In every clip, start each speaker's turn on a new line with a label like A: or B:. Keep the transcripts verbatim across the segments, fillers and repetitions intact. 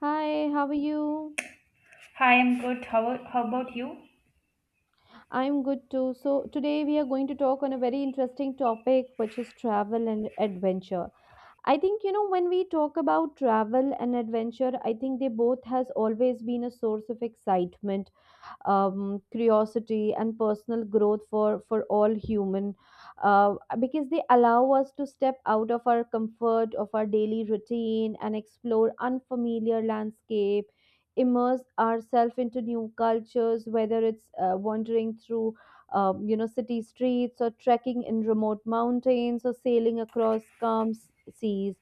A: Hi, how are you?
B: Hi, I'm good. How, how about you?
A: I'm good too. So, today we are going to talk on a very interesting topic, which is travel and adventure. I think, you know, when we talk about travel and adventure, I think they both has always been a source of excitement, um, curiosity and personal growth for for all human, uh, because they allow us to step out of our comfort of our daily routine and explore unfamiliar landscape, immerse ourselves into new cultures, whether it's uh, wandering through, um, you know, city streets, or trekking in remote mountains, or sailing across calm s- seas.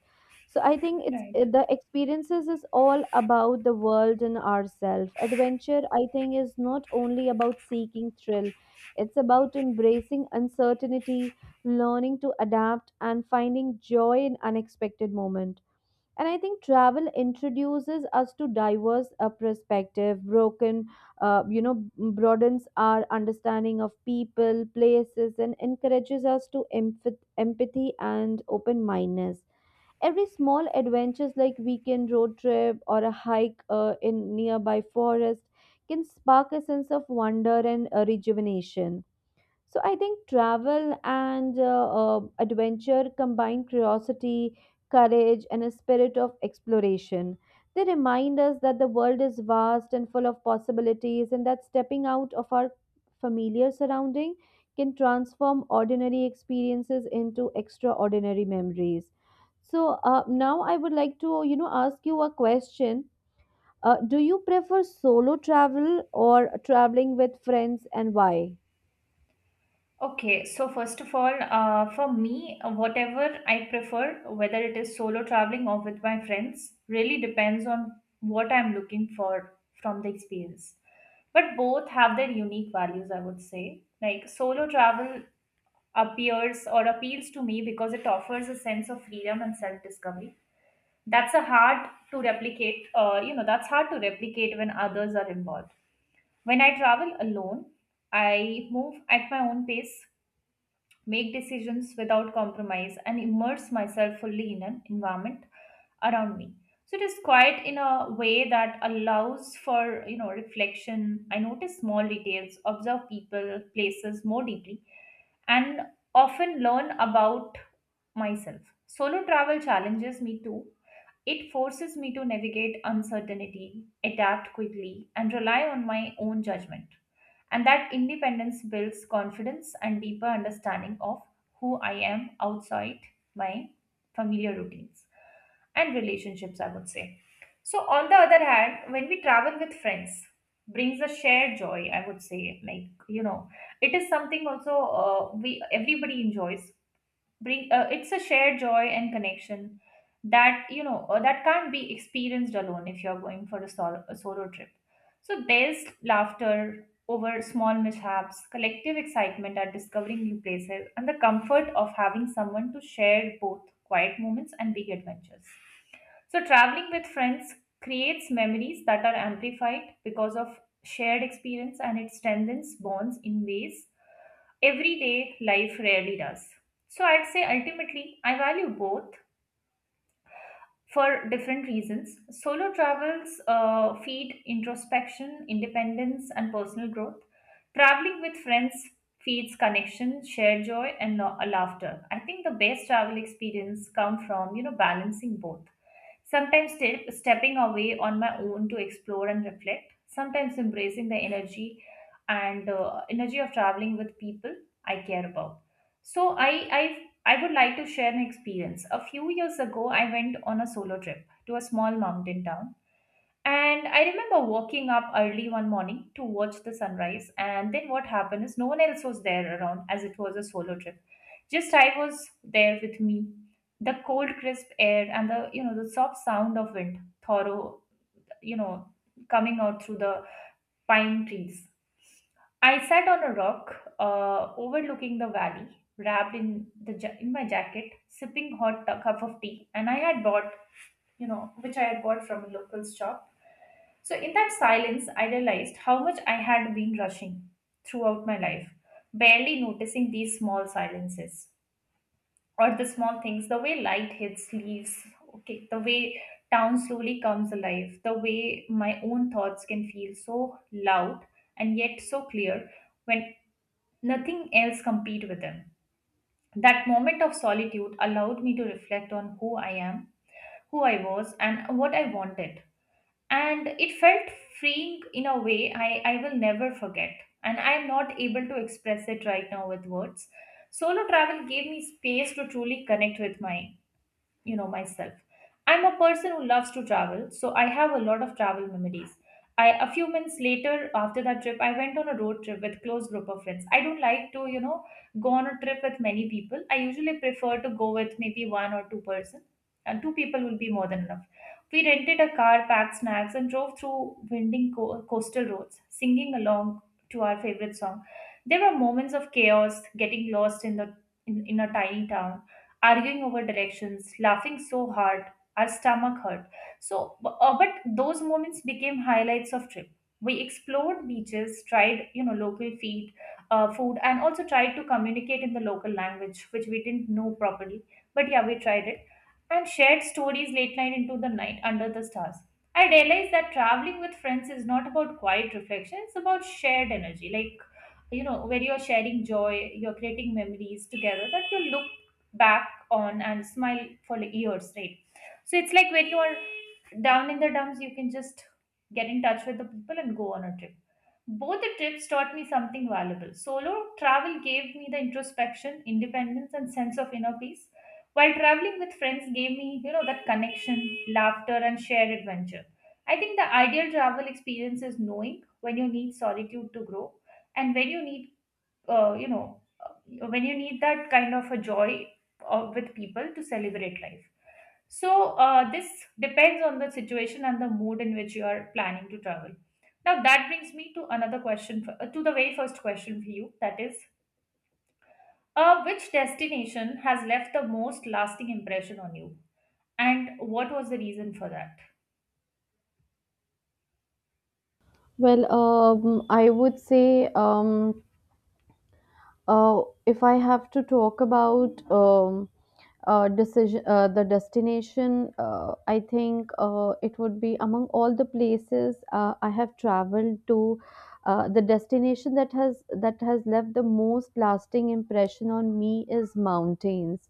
A: So I think it's
B: Right.
A: it- the experiences is all about the world and ourselves. Adventure, I think, is not only about seeking thrill. It's about embracing uncertainty, learning to adapt, and finding joy in unexpected moment. And I think travel introduces us to diverse uh, perspective, broken, uh, you know, broadens our understanding of people, places, and encourages us to empath- empathy and open mindedness. Every small adventures like weekend road trip or a hike uh, in nearby forest can spark a sense of wonder and, uh, rejuvenation. So I think travel and uh, uh, adventure combine curiosity, courage, and a spirit of exploration. They remind us that the world is vast and full of possibilities, and that stepping out of our familiar surrounding can transform ordinary experiences into extraordinary memories. So, uh, now I would like to, you know, ask you a question. Uh, do you prefer solo travel or traveling with friends, and why?
B: Okay, so first of all, uh, for me, whatever I prefer, whether it is solo traveling or with my friends, really depends on what I'm looking for from the experience. But both have their unique values, I would say. Like solo travel appears or appeals to me because it offers a sense of freedom and self-discovery. That's a hard to replicate. Uh, you know, that's hard to replicate when others are involved. When I travel alone, I move at my own pace, make decisions without compromise, and immerse myself fully in an environment around me. So it is quiet in a way that allows for you know reflection. I notice small details, observe people, places more deeply, and often learn about myself. Solo travel challenges me too. It forces me to navigate uncertainty, adapt quickly, and rely on my own judgment. And that independence builds confidence and deeper understanding of who I am outside my familiar routines and relationships, I would say. So, on the other hand, when we travel with friends, brings a shared joy, I would say, like, you know it is something also, uh, we everybody enjoys bring, uh, it's a shared joy and connection that, you know uh, that can't be experienced alone if you're going for a, sol- a solo trip. So there's laughter over small mishaps, collective excitement at discovering new places, and the comfort of having someone to share both quiet moments and big adventures. So traveling with friends creates memories that are amplified because of shared experience, and it strengthens bonds in ways everyday life rarely does. So I'd say ultimately I value both for different reasons. Solo travels uh, feed introspection, independence, and personal growth. Traveling with friends feeds connection, shared joy, and la- laughter. I think the best travel experience come from you know balancing both. Sometimes step, stepping away on my own to explore and reflect. Sometimes embracing the energy and uh, energy of traveling with people I care about. So I I I would like to share an experience. A few years ago, I went on a solo trip to a small mountain town, and I remember waking up early one morning to watch the sunrise. And then what happened is no one else was there around as it was a solo trip. Just I was there with me. The cold, crisp air and the, you know, the soft sound of wind, thorough, you know, coming out through the pine trees. I sat on a rock, uh, overlooking the valley, wrapped in the ja- in my jacket, sipping hot t- cup of tea, and I had bought, you know, which I had bought from a local shop. So in that silence, I realized how much I had been rushing throughout my life, barely noticing these small silences or the small things, the way light hits leaves, okay, the way town slowly comes alive, the way my own thoughts can feel so loud and yet so clear when nothing else compete with them. That moment of solitude allowed me to reflect on who I am, who I was, and what I wanted. And it felt freeing in a way i, I will never forget, and I am not able to express it right now with words. Solo travel gave me space to truly connect with my, you know myself. I'm a person who loves to travel, so I have a lot of travel memories. I A few months later, after that trip, I went on a road trip with close group of friends. I don't like to, you know go on a trip with many people. I usually prefer to go with maybe one or two person, and two people will be more than enough. We rented a car, packed snacks, and drove through winding co- coastal roads, singing along to our favorite song. There were moments of chaos, getting lost in the, in, in a tiny town, arguing over directions, laughing so hard, our stomach hurt. So, bu- uh, but those moments became highlights of trip. We explored beaches, tried, you know local feed, uh, food, and also tried to communicate in the local language, which we didn't know properly. But yeah, we tried it, and shared stories late night into the night under the stars. I realized that traveling with friends is not about quiet reflection; it's about shared energy, like, you know where you're sharing joy, you're creating memories together that you look back on and smile for years, right? So it's like when you are down in the dumps, you can just get in touch with the people and go on a trip. Both the trips taught me something valuable. Solo travel gave me the introspection, independence, and sense of inner peace, while traveling with friends gave me, you know, that connection, laughter, and shared adventure. I think the ideal travel experience is knowing when you need solitude to grow, and when you need, uh, you know uh, when you need that kind of a joy uh, with people to celebrate life. So uh, this depends on the situation and the mood in which you are planning to travel. Now that brings me to another question for, uh, to the very first question for you, that is, uh, which destination has left the most lasting impression on you, and what was the reason for that?
A: Well, um, I would say, um, uh, if I have to talk about, um, uh, decision, uh, the destination, uh, I think uh, it would be among all the places uh, I have traveled to. Uh, the destination that has that has left the most lasting impression on me is mountains.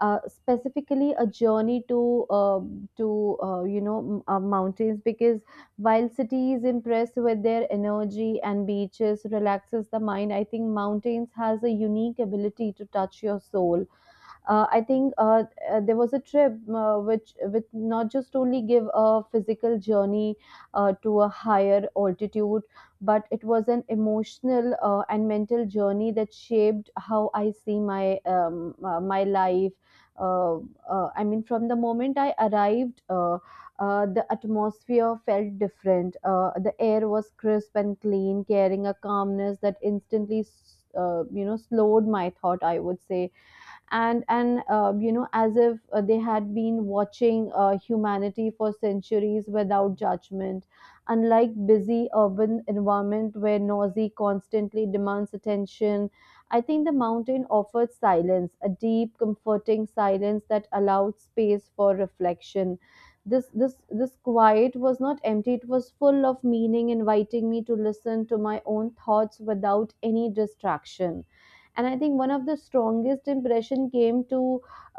A: Uh, specifically, a journey to uh, to uh, you know, m- uh, mountains, because while cities impress with their energy and beaches relaxes the mind, I think mountains has a unique ability to touch your soul. Uh, I think uh, uh, There was a trip uh, which with not just only give a physical journey uh, to a higher altitude, but it was an emotional uh, and mental journey that shaped how I see my, um, uh, my life. Uh, uh, I mean, from the moment I arrived, uh, uh, the atmosphere felt different. Uh, the air was crisp and clean, carrying a calmness that instantly s- uh, you know, slowed my thought, I would say, and and uh, you know, as if uh, they had been watching uh, humanity for centuries without judgment, unlike busy urban environment where noisy constantly demands attention. I think the mountain offered silence, a deep comforting silence that allowed space for reflection. This this this quiet was not empty, it was full of meaning, inviting me to listen to my own thoughts without any distraction. And I think one of the strongest impression came to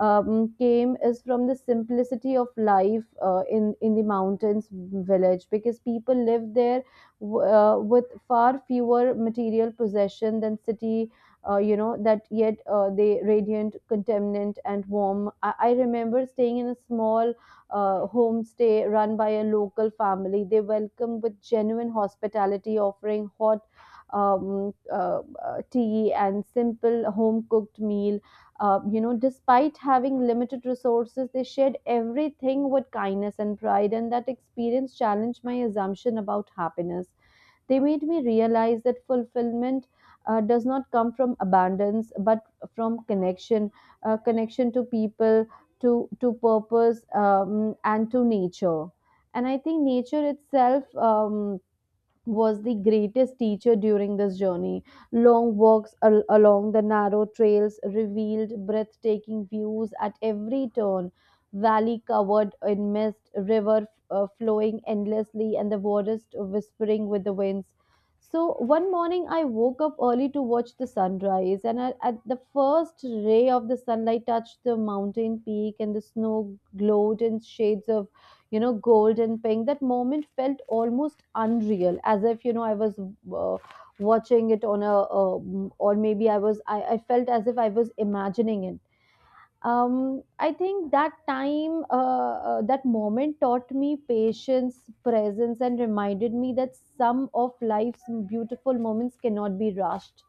A: um, came is from the simplicity of life uh, in in the mountains village, because people live there w- uh, with far fewer material possession than city. Uh, you know that yet uh, They radiant contaminant and warm. I, I remember staying in a small uh, homestay run by a local family. They welcomed with genuine hospitality, offering hot, um, uh, uh, tea and simple home cooked meal. Uh, you know, despite having limited resources, they shared everything with kindness and pride, and that experience challenged my assumption about happiness. They made me realize that fulfillment uh, does not come from abundance, but from connection, uh, connection to people, to to purpose, um, and to nature. And I think nature itself, Um, was the greatest teacher during this journey. Long walks al- along the narrow trails revealed breathtaking views at every turn. Valley covered in mist, river uh, flowing endlessly, and the forest whispering with the winds. So one morning I woke up early to watch the sunrise, and I, at the first ray of the sunlight touched the mountain peak, and the snow glowed in shades of, you know, gold and pink. That moment felt almost unreal, as if, you know, I was, uh, watching it on a, um, or maybe I was, I, I felt as if I was imagining it. um, I think that time, uh, uh, that moment taught me patience, presence, and reminded me that some of life's beautiful moments cannot be rushed.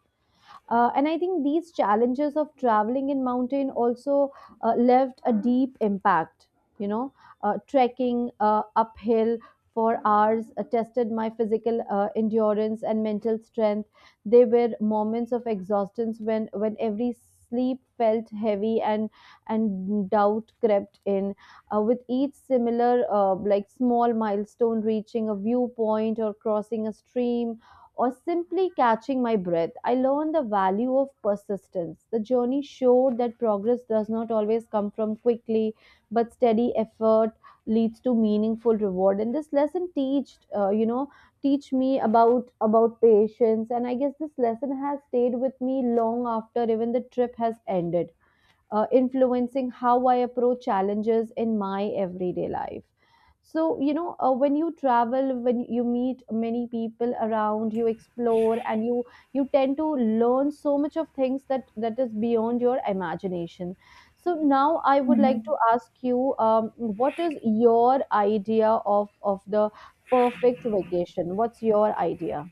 A: Uh, and I think these challenges of traveling in mountain also uh, left a deep impact. You know, uh, trekking uh, uphill for hours, uh, tested my physical uh, endurance and mental strength. There were moments of exhaustion, when when every sleep felt heavy, and and doubt crept in. Uh, with each similar uh, like small milestone, reaching a viewpoint or crossing a stream or simply catching my breath, I learned the value of persistence. The journey showed that progress does not always come from quickly, but steady effort leads to meaningful reward. And this lesson teach, uh, you know, teach me about about patience. And I guess this lesson has stayed with me long after even the trip has ended, uh, influencing how I approach challenges in my everyday life. So, you know, uh, when you travel, when you meet many people around, you explore and you you tend to learn so much of things that that is beyond your imagination. So now I would like to
B: Mhm.
A: ask you, um, what is your idea of of the perfect vacation? What's your idea?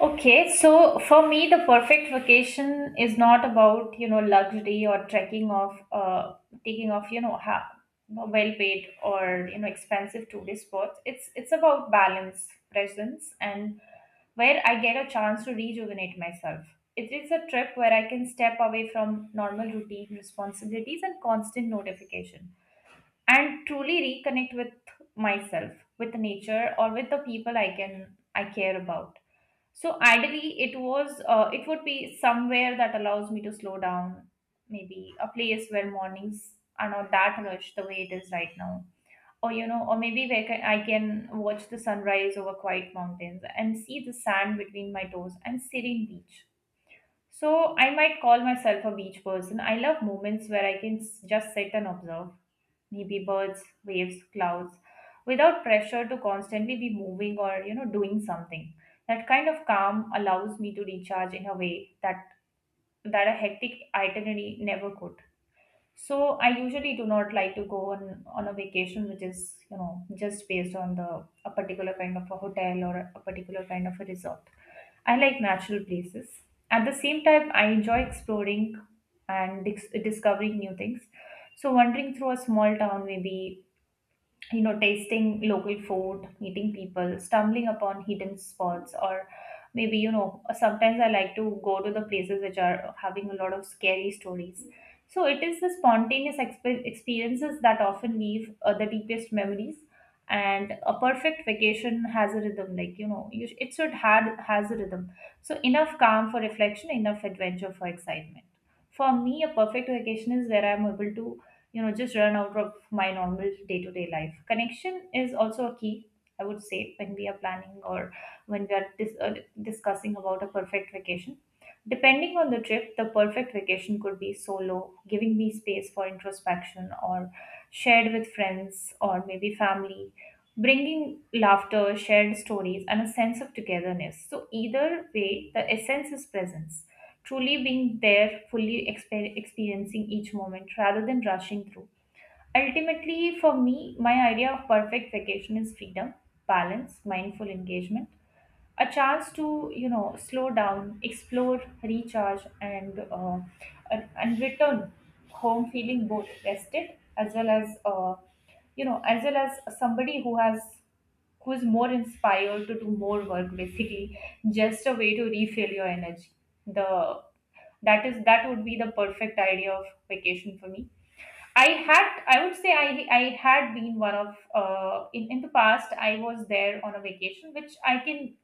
B: Okay, so for me, the perfect vacation is not about, you know luxury or trekking off, uh, taking off, you know ha- well-paid or, you know expensive tourist spots. It's it's about balance, presence, and where I get a chance to rejuvenate myself. It is a trip where I can step away from normal routine responsibilities and constant notification, and truly reconnect with myself, with nature, or with the people I can I care about. So ideally, it was uh, it would be somewhere that allows me to slow down, maybe a place where mornings are not that rushed the way it is right now. Or, you know, or maybe where ca- I can watch the sunrise over quiet mountains and see the sand between my toes and serene beach. So I might call myself a beach person. I love moments where I can s- just sit and observe, maybe birds, waves, clouds, without pressure to constantly be moving or, you know doing something. That kind of calm allows me to recharge in a way that that a hectic itinerary never could. So I usually do not like to go on on a vacation which is, you know, just based on the a particular kind of a hotel or a particular kind of a resort. I like natural places. At the same time, I enjoy exploring and dis- discovering new things. So wandering through a small town, maybe, you know tasting local food, meeting people, stumbling upon hidden spots, or maybe, you know sometimes I like to go to the places which are having a lot of scary stories. So it is the spontaneous exp- experiences that often leave uh, the deepest memories. And a perfect vacation has a rhythm, like, you know you, sh- it should had has a rhythm. So enough calm for reflection, enough adventure for excitement. For me, a perfect vacation is where I'm able to, you know just run out of my normal day-to-day life. Connection is also a key, I would say. When we are planning or when we are dis- uh, discussing about a perfect vacation, depending on the trip, the perfect vacation could be solo, giving me space for introspection, or shared with friends or maybe family, bringing laughter, shared stories, and a sense of togetherness. So, either way, the essence is presence, truly being there, fully exper- experiencing each moment rather than rushing through. Ultimately, for me, my idea of perfect vacation is freedom, balance, mindful engagement, a chance to, you know slow down, explore, recharge, and uh, and and return home feeling both rested as well as uh, you know as well as somebody who has who is more inspired to do more work, basically. Just a way to refill your energy. The that is That would be the perfect idea of vacation for me. I had, I would say, I I had been one of, uh, in in the past. I was there on a vacation, which I can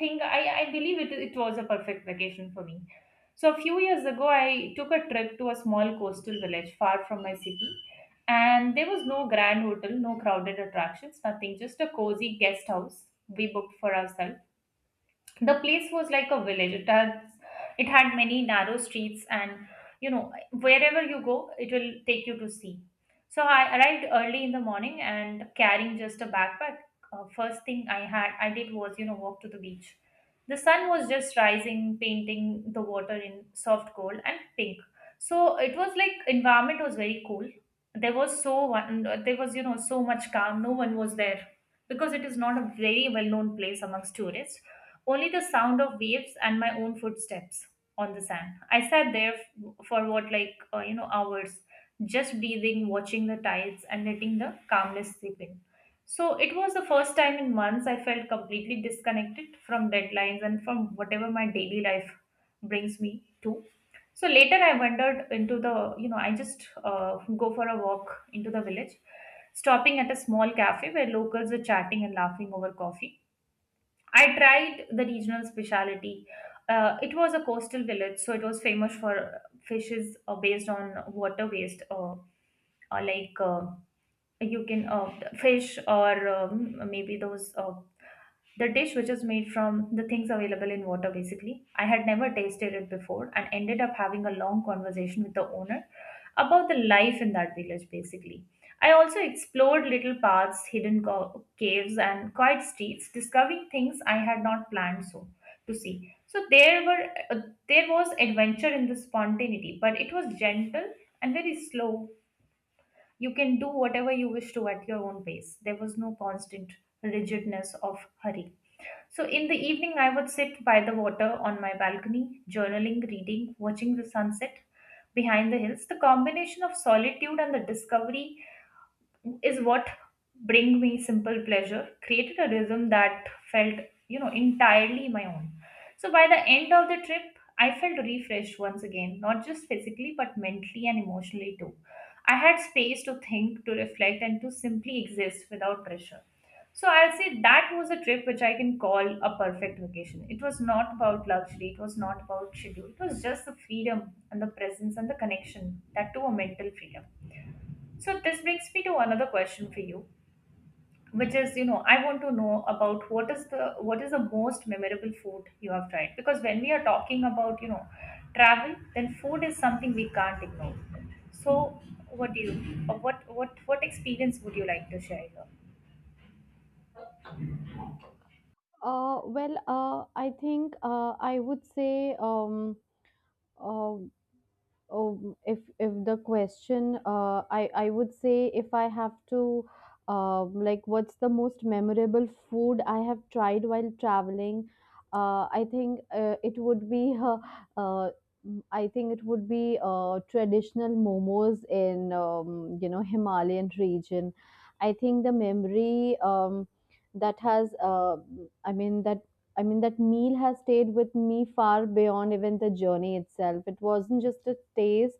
B: think I I believe it it was a perfect vacation for me. So a few years ago, I took a trip to a small coastal village far from my city, and there was no grand hotel, no crowded attractions, nothing, just a cozy guest house we booked for ourselves. The place was like a village. It had it had many narrow streets, and you know wherever you go it will take you to sea. So I arrived early in the morning, and carrying just a backpack. Uh, first thing i had i did was you know walk to the beach. The sun was just rising, painting the water in soft gold and pink. So it was like environment was very cool. There was so one there was you know so much calm, no one was there, because it is not a very well known place amongst tourists. Only the sound of waves and my own footsteps on the sand. I sat there f- for what, like, uh, you know, hours, just breathing, watching the tides, and letting the calmness seep in. So it was the first time in months I felt completely disconnected from deadlines and from whatever my daily life brings me to. So later I wandered into the, you know, I just uh, go for a walk into the village, stopping at a small cafe where locals were chatting and laughing over coffee. I tried the regional specialty. Uh, it was a coastal village, so it was famous for fishes uh, based on water waste, uh, or like uh, you can uh, fish or um, maybe those. Uh, the dish which is made from the things available in water basically, I had never tasted it before, and ended up having a long conversation with the owner about the life in that village basically. I also explored little paths, hidden co- caves and quiet streets, discovering things I had not planned. So to see so there were uh, there was adventure in the spontaneity, but it was gentle and very slow. You can do whatever you wish to at your own pace. There was no constant rigidness of hurry. So in the evening, I would sit by the water on my balcony, journaling, reading, watching the sunset behind the hills. The combination of solitude and the discovery is what bring me simple pleasure, created a rhythm that felt you know entirely my own. So by the end of the trip, I felt refreshed once again, not just physically but mentally and emotionally too. I had space to think, to reflect, and to simply exist without pressure. So I'll say that was a trip which I can call a perfect vacation. It was not about luxury, it was not about schedule, it was just the freedom and the presence and the connection that to a mental freedom. So this brings me to another question for you, which is, you know, I want to know about what is the what is the most memorable food you have tried? Because when we are talking about, you know, travel, then food is something we can't ignore. So what do you, uh, what what what experience would you like to share here?
A: Uh, well, uh, I think, uh, I would say, um, uh, oh, if if the question, uh, I I would say, if I have to, um, like, what's the most memorable food I have tried while traveling? Uh, I think uh, it would be, uh, uh, mm, I think it would be uh, traditional momos in, um, you know, Himalayan region. I think the memory, um, that has, uh, I mean that. I mean, that meal has stayed with me far beyond even the journey itself. It wasn't just a taste,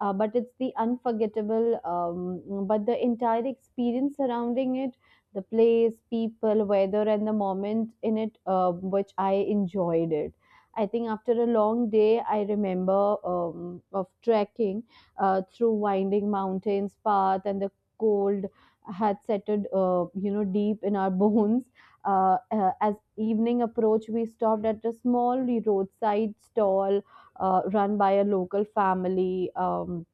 A: uh, but it's the unforgettable, um, but the entire experience surrounding it, the place, people, weather, and the moment in it, uh, which I enjoyed it. I think after a long day, I remember, um, of trekking uh, through winding mountains path, and the cold had settled, uh, you know, deep in our bones. Uh, uh, as evening approached, we stopped at a small roadside stall uh, run by a local family. Um,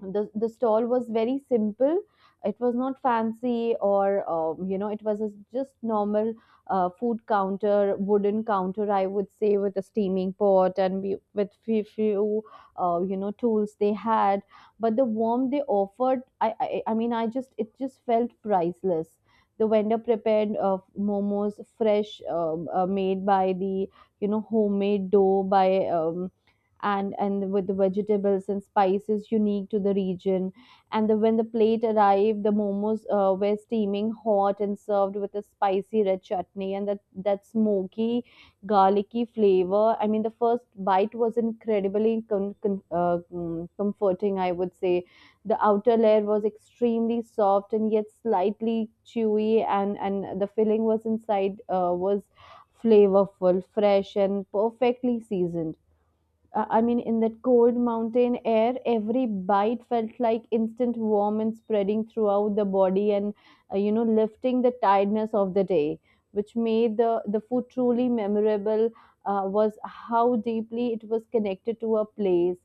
A: the the stall was very simple. It was not fancy, or, um, you know, it was a just normal uh, food counter, wooden counter, I would say, with a steaming pot, and we, with few, few, uh, you know, tools they had, but the warmth they offered, I, I I mean I just it just felt priceless. The vendor prepared uh, momos fresh, um, uh, made by the, you know, homemade dough by, um, and and with the vegetables and spices unique to the region. And the, when the plate arrived, the momos uh, were steaming hot and served with a spicy red chutney, and that that smoky, garlicky flavor, I mean the first bite was incredibly con- con- uh, mm, comforting, I would say. The outer layer was extremely soft and yet slightly chewy, and and the filling was inside, uh, was flavorful, fresh, and perfectly seasoned. uh, I mean, in that cold mountain air, every bite felt like instant warm and spreading throughout the body, and, uh, you know, lifting the tiredness of the day, which made the, the food truly memorable. Uh, was how deeply it was connected to a place.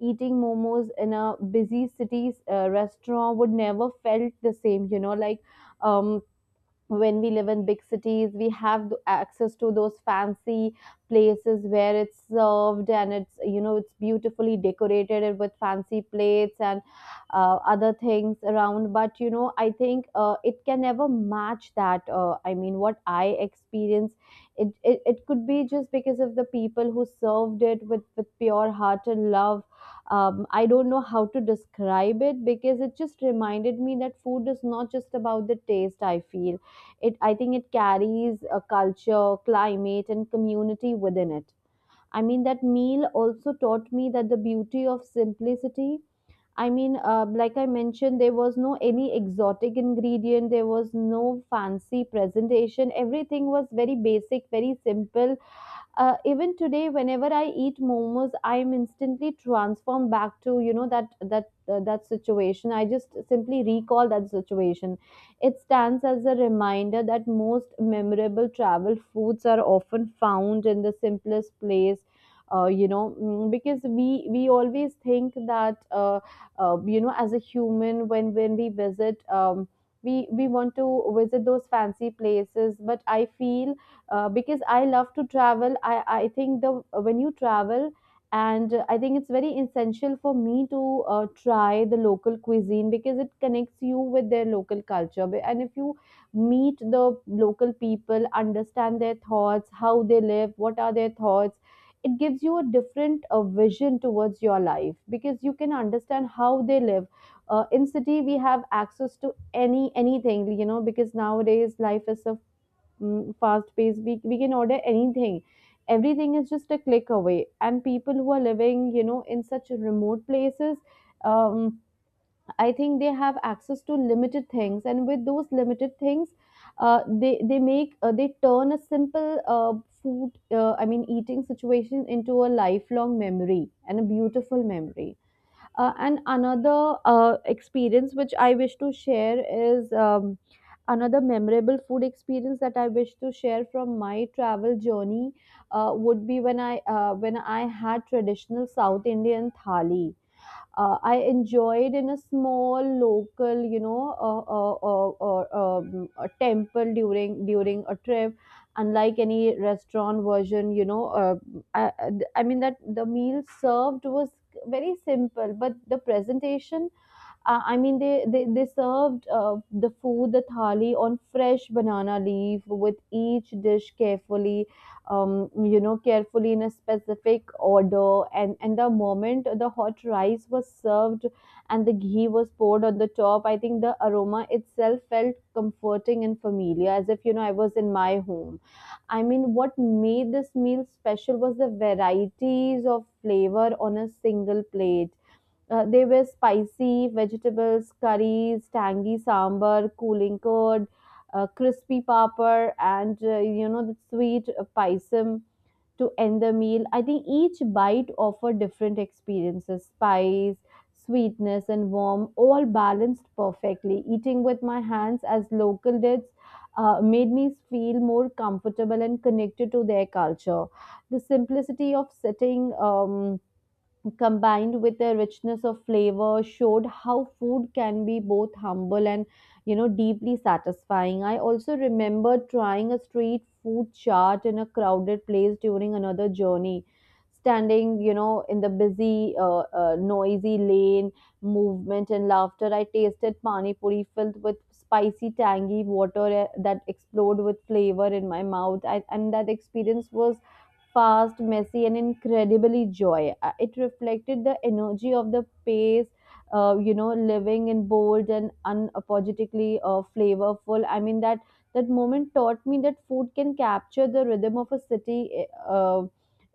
A: Eating momos in a busy city's uh, restaurant would never felt the same, you know, like um, when we live in big cities we have th- access to those fancy places where it's served and it's you know it's beautifully decorated and with fancy plates and uh, other things around. But you know I think uh, it can never match that, uh, I mean what I experience. It, it it could be just because of the people who served it with with pure heart and love. um, I don't know how to describe it, because it just reminded me that food is not just about the taste. I feel it, I think it carries a culture, climate, and community within it. I mean, that meal also taught me that the beauty of simplicity. I mean, uh, like I mentioned, there was no any exotic ingredient, there was no fancy presentation, everything was very basic, very simple. Uh, even today, whenever I eat momos, I am instantly transformed back to, you know that that uh, that situation. I just simply recall that situation. It stands as a reminder that most memorable travel foods are often found in the simplest place. Uh, you know mm, because we we always think that uh, uh, you know as a human, when when we visit, um, we we want to visit those fancy places. But I feel, uh, because I love to travel. I I think the, when you travel, and uh, I think it's very essential for me to uh, try the local cuisine, because it connects you with their local culture. Be- And if you meet the local people, understand their thoughts, how they live, what are their thoughts. It gives you a different uh, vision towards your life, because you can understand how they live. Uh, in city, we have access to any anything, you know, because nowadays life is so mm, fast paced. We, we can order anything, everything is just a click away. And people who are living, you know, in such remote places, um, I think they have access to limited things, and with those limited things uh, they they make, uh, they turn a simple uh, food, uh, I mean eating situation, into a lifelong memory and a beautiful memory. Uh, and another uh, experience which I wish to share is um, Another memorable food experience that I wish to share from my travel journey uh, would be when I uh, when I had traditional South Indian thali uh, I enjoyed in a small local, you know, uh, uh, uh, uh, um, a temple during during a trip. Unlike any restaurant version, you know, uh, I, I mean that the meal served was very simple, but the presentation, uh, I mean, they they, they served uh, the food, the thali, on fresh banana leaf with each dish carefully, um, you know, carefully in a specific order. And and the moment the hot rice was served and the ghee was poured on the top, I think the aroma itself felt comforting and familiar, as if, you know, I was in my home. I mean, what made this meal special was the varieties of flavor on a single plate. uh, they were spicy vegetables, curries, tangy sambar, cooling curd, uh, crispy papar, and, uh, you know the sweet uh, paisam to end the meal. I think each bite offered different experiences: spice, sweetness, and warmth, all balanced perfectly. Eating with my hands as local dish uh, made me feel more comfortable and connected to their culture. The simplicity of sitting, Um, combined with the richness of flavor, showed how food can be both humble and, you know, deeply satisfying. I also remember trying a street food chart in a crowded place during another journey, standing, you know, in the busy, uh, uh, noisy lane, movement and laughter. I tasted pani puri filled with spicy tangy water, eh, that exploded with flavor in my mouth. I, and that experience was fast, messy, and incredibly joy. Uh, It reflected the energy of the pace, uh, you know, living in bold and unapologetically uh, flavorful. I mean that that moment taught me that food can capture the rhythm of a city, Uh,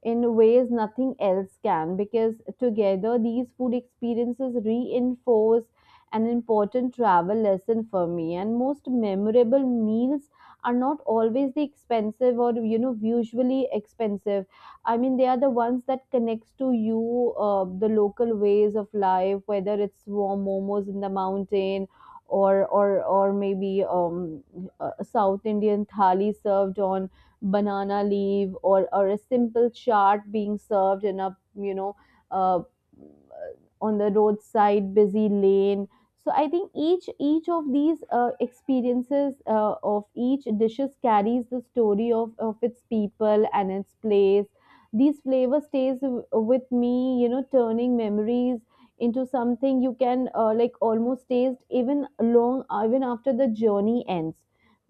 A: in ways nothing else can. Because together these food experiences reinforce an important travel lesson for me, and most memorable meals are not always the expensive, or, you know, usually expensive. I mean, they are the ones that connects to you, uh, the local ways of life, whether it's warm momos in the mountain, or or or maybe um, a South Indian thali served on banana leaf, or or a simple chaat being served in a, you know uh, on the roadside busy lane. So I think each each of these uh, experiences, uh, of each dishes, carries the story of, of its people and its place. These flavor stays w- with me, you know, turning memories into something you can, uh, like, almost taste even long, even after the journey ends,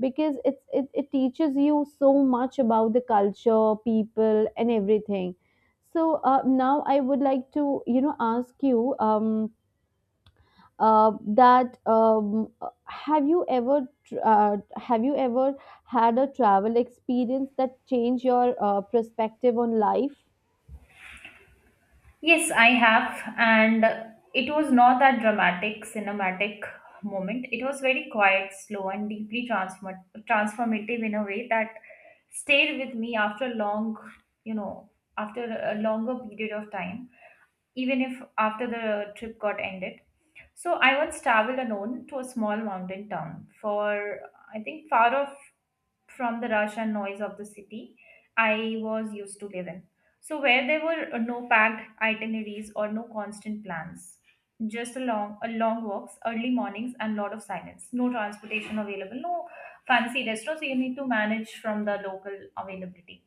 A: because it's it, it teaches you so much about the culture, people, and everything. So, uh, now I would like to, you know, ask you, um uh, that um, uh, have you ever tr- uh, have you ever had a travel experience that changed your uh, perspective on life?
B: Yes, I have, and it was not that dramatic cinematic moment. It was very quiet, slow, and deeply transform- transformative in a way that stayed with me after a long, you know, after a longer period of time, even if after the trip got ended. So I once traveled alone to a small mountain town for, I think, far off from the rush and noise of the city I was used to live in. So, where there were uh, no packed itineraries or no constant plans, just a long, a long walks, early mornings, and lot of silence. No transportation available, no fancy restaurants. So you need to manage from the local availability.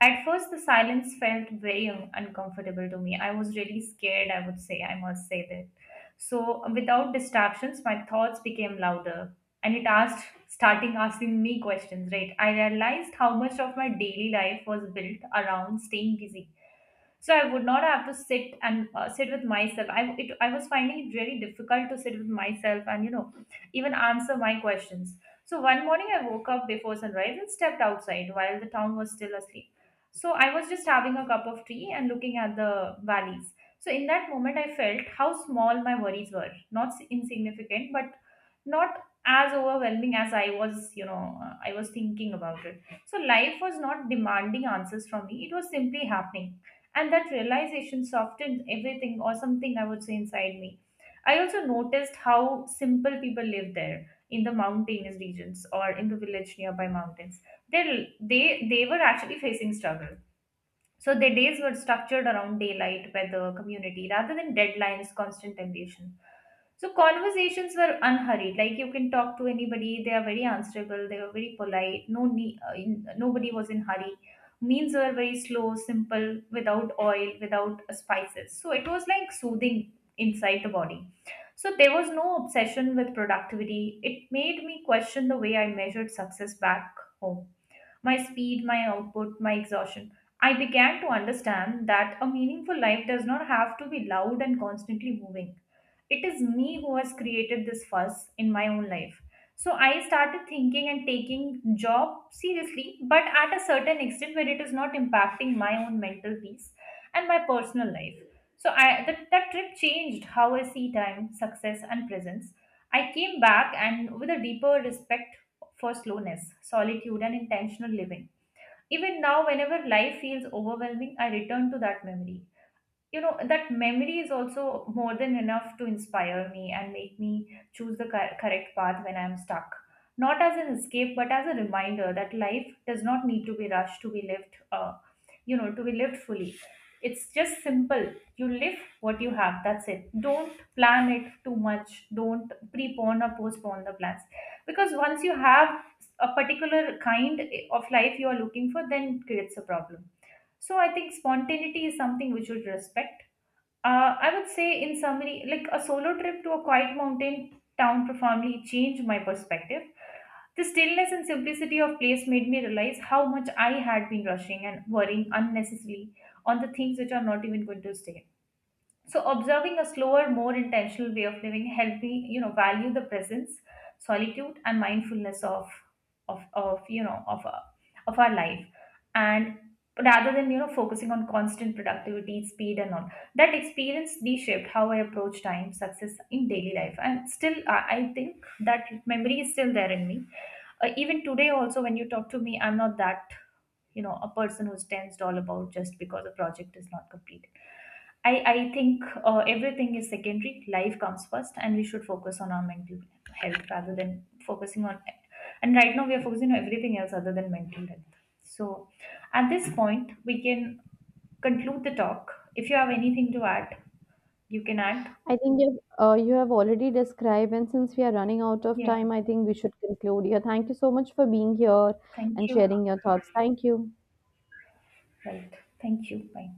B: At first, the silence felt very un- uncomfortable to me. I was really scared. I would say, I must say that. So, without distractions, my thoughts became louder, and it asked, starting asking me questions. Right, I realized how much of my daily life was built around staying busy, so I would not have to sit and uh, sit with myself. i it, I was finding it really difficult to sit with myself and you know even answer my questions. So one morning I woke up before sunrise and stepped outside while the town was still asleep. So I was just having a cup of tea and looking at the valleys. So in that moment, I felt how small my worries were, not si-, insignificant but not as overwhelming as i was you know uh, i was thinking about it. So life was not demanding answers from me, it was simply happening, and that realization softened everything, or something I would say, inside me. I also noticed how simple people live there in the mountainous regions or in the village nearby mountains. They they they were actually facing struggle. So their days were structured around daylight, weather, community, rather than deadlines, constant temptation. So conversations were unhurried. Like you can talk to anybody. They are very answerable. They were very polite. No, nee- uh, in, nobody was in hurry. Meals were very slow, simple, without oil, without spices. So it was like soothing inside the body. So there was no obsession with productivity. It made me question the way I measured success back home, my speed, my output, my exhaustion. I began to understand that a meaningful life does not have to be loud and constantly moving. It is me who has created this fuss in my own life. So I started thinking and taking job seriously, but at a certain extent where it is not impacting my own mental peace and my personal life. So I that, that trip changed how I see time, success, and presence. I came back and with a deeper respect for slowness, solitude, and intentional living. Even now, whenever life feels overwhelming, I return to that memory. You know that memory is also more than enough to inspire me and make me choose the cor- correct path when I'm stuck, not as an escape but as a reminder that life does not need to be rushed to be lived, uh, you know to be lived fully. It's just simple, you live what you have, that's it. Don't plan it too much. Don't prepone or postpone the plans, because once you have a particular kind of life you are looking for, then it creates a problem. So I think spontaneity is something we should respect. uh, I would say, in summary, like a solo trip to a quiet mountain town profoundly changed my perspective. The stillness and simplicity of place made me realize how much I had been rushing and worrying unnecessarily on the things which are not even going to stay. So observing a slower, more intentional way of living helped me, you know, value the presence, solitude, and mindfulness of of of you know of our of our life, and rather than you know focusing on constant productivity, speed, and all. That experience reshaped how I approach time, success in daily life, and still I, I think that memory is still there in me. Uh, even today, also when you talk to me, I'm not that you know a person who's tensed all about just because a project is not completed. I, I think uh, everything is secondary. Life comes first, and we should focus on our mental health rather than focusing on. And right now, we are focusing on everything else other than mental health. So, at this point, we can conclude the talk. If you have anything to add, you can add.
A: I think you've, uh, you have already described, and since we are running out of
B: Yeah.
A: time, I think we should conclude here. Thank you so much for being here
B: Thank
A: and
B: you.
A: sharing your thoughts. Thank you.
B: Right. Thank you. Bye.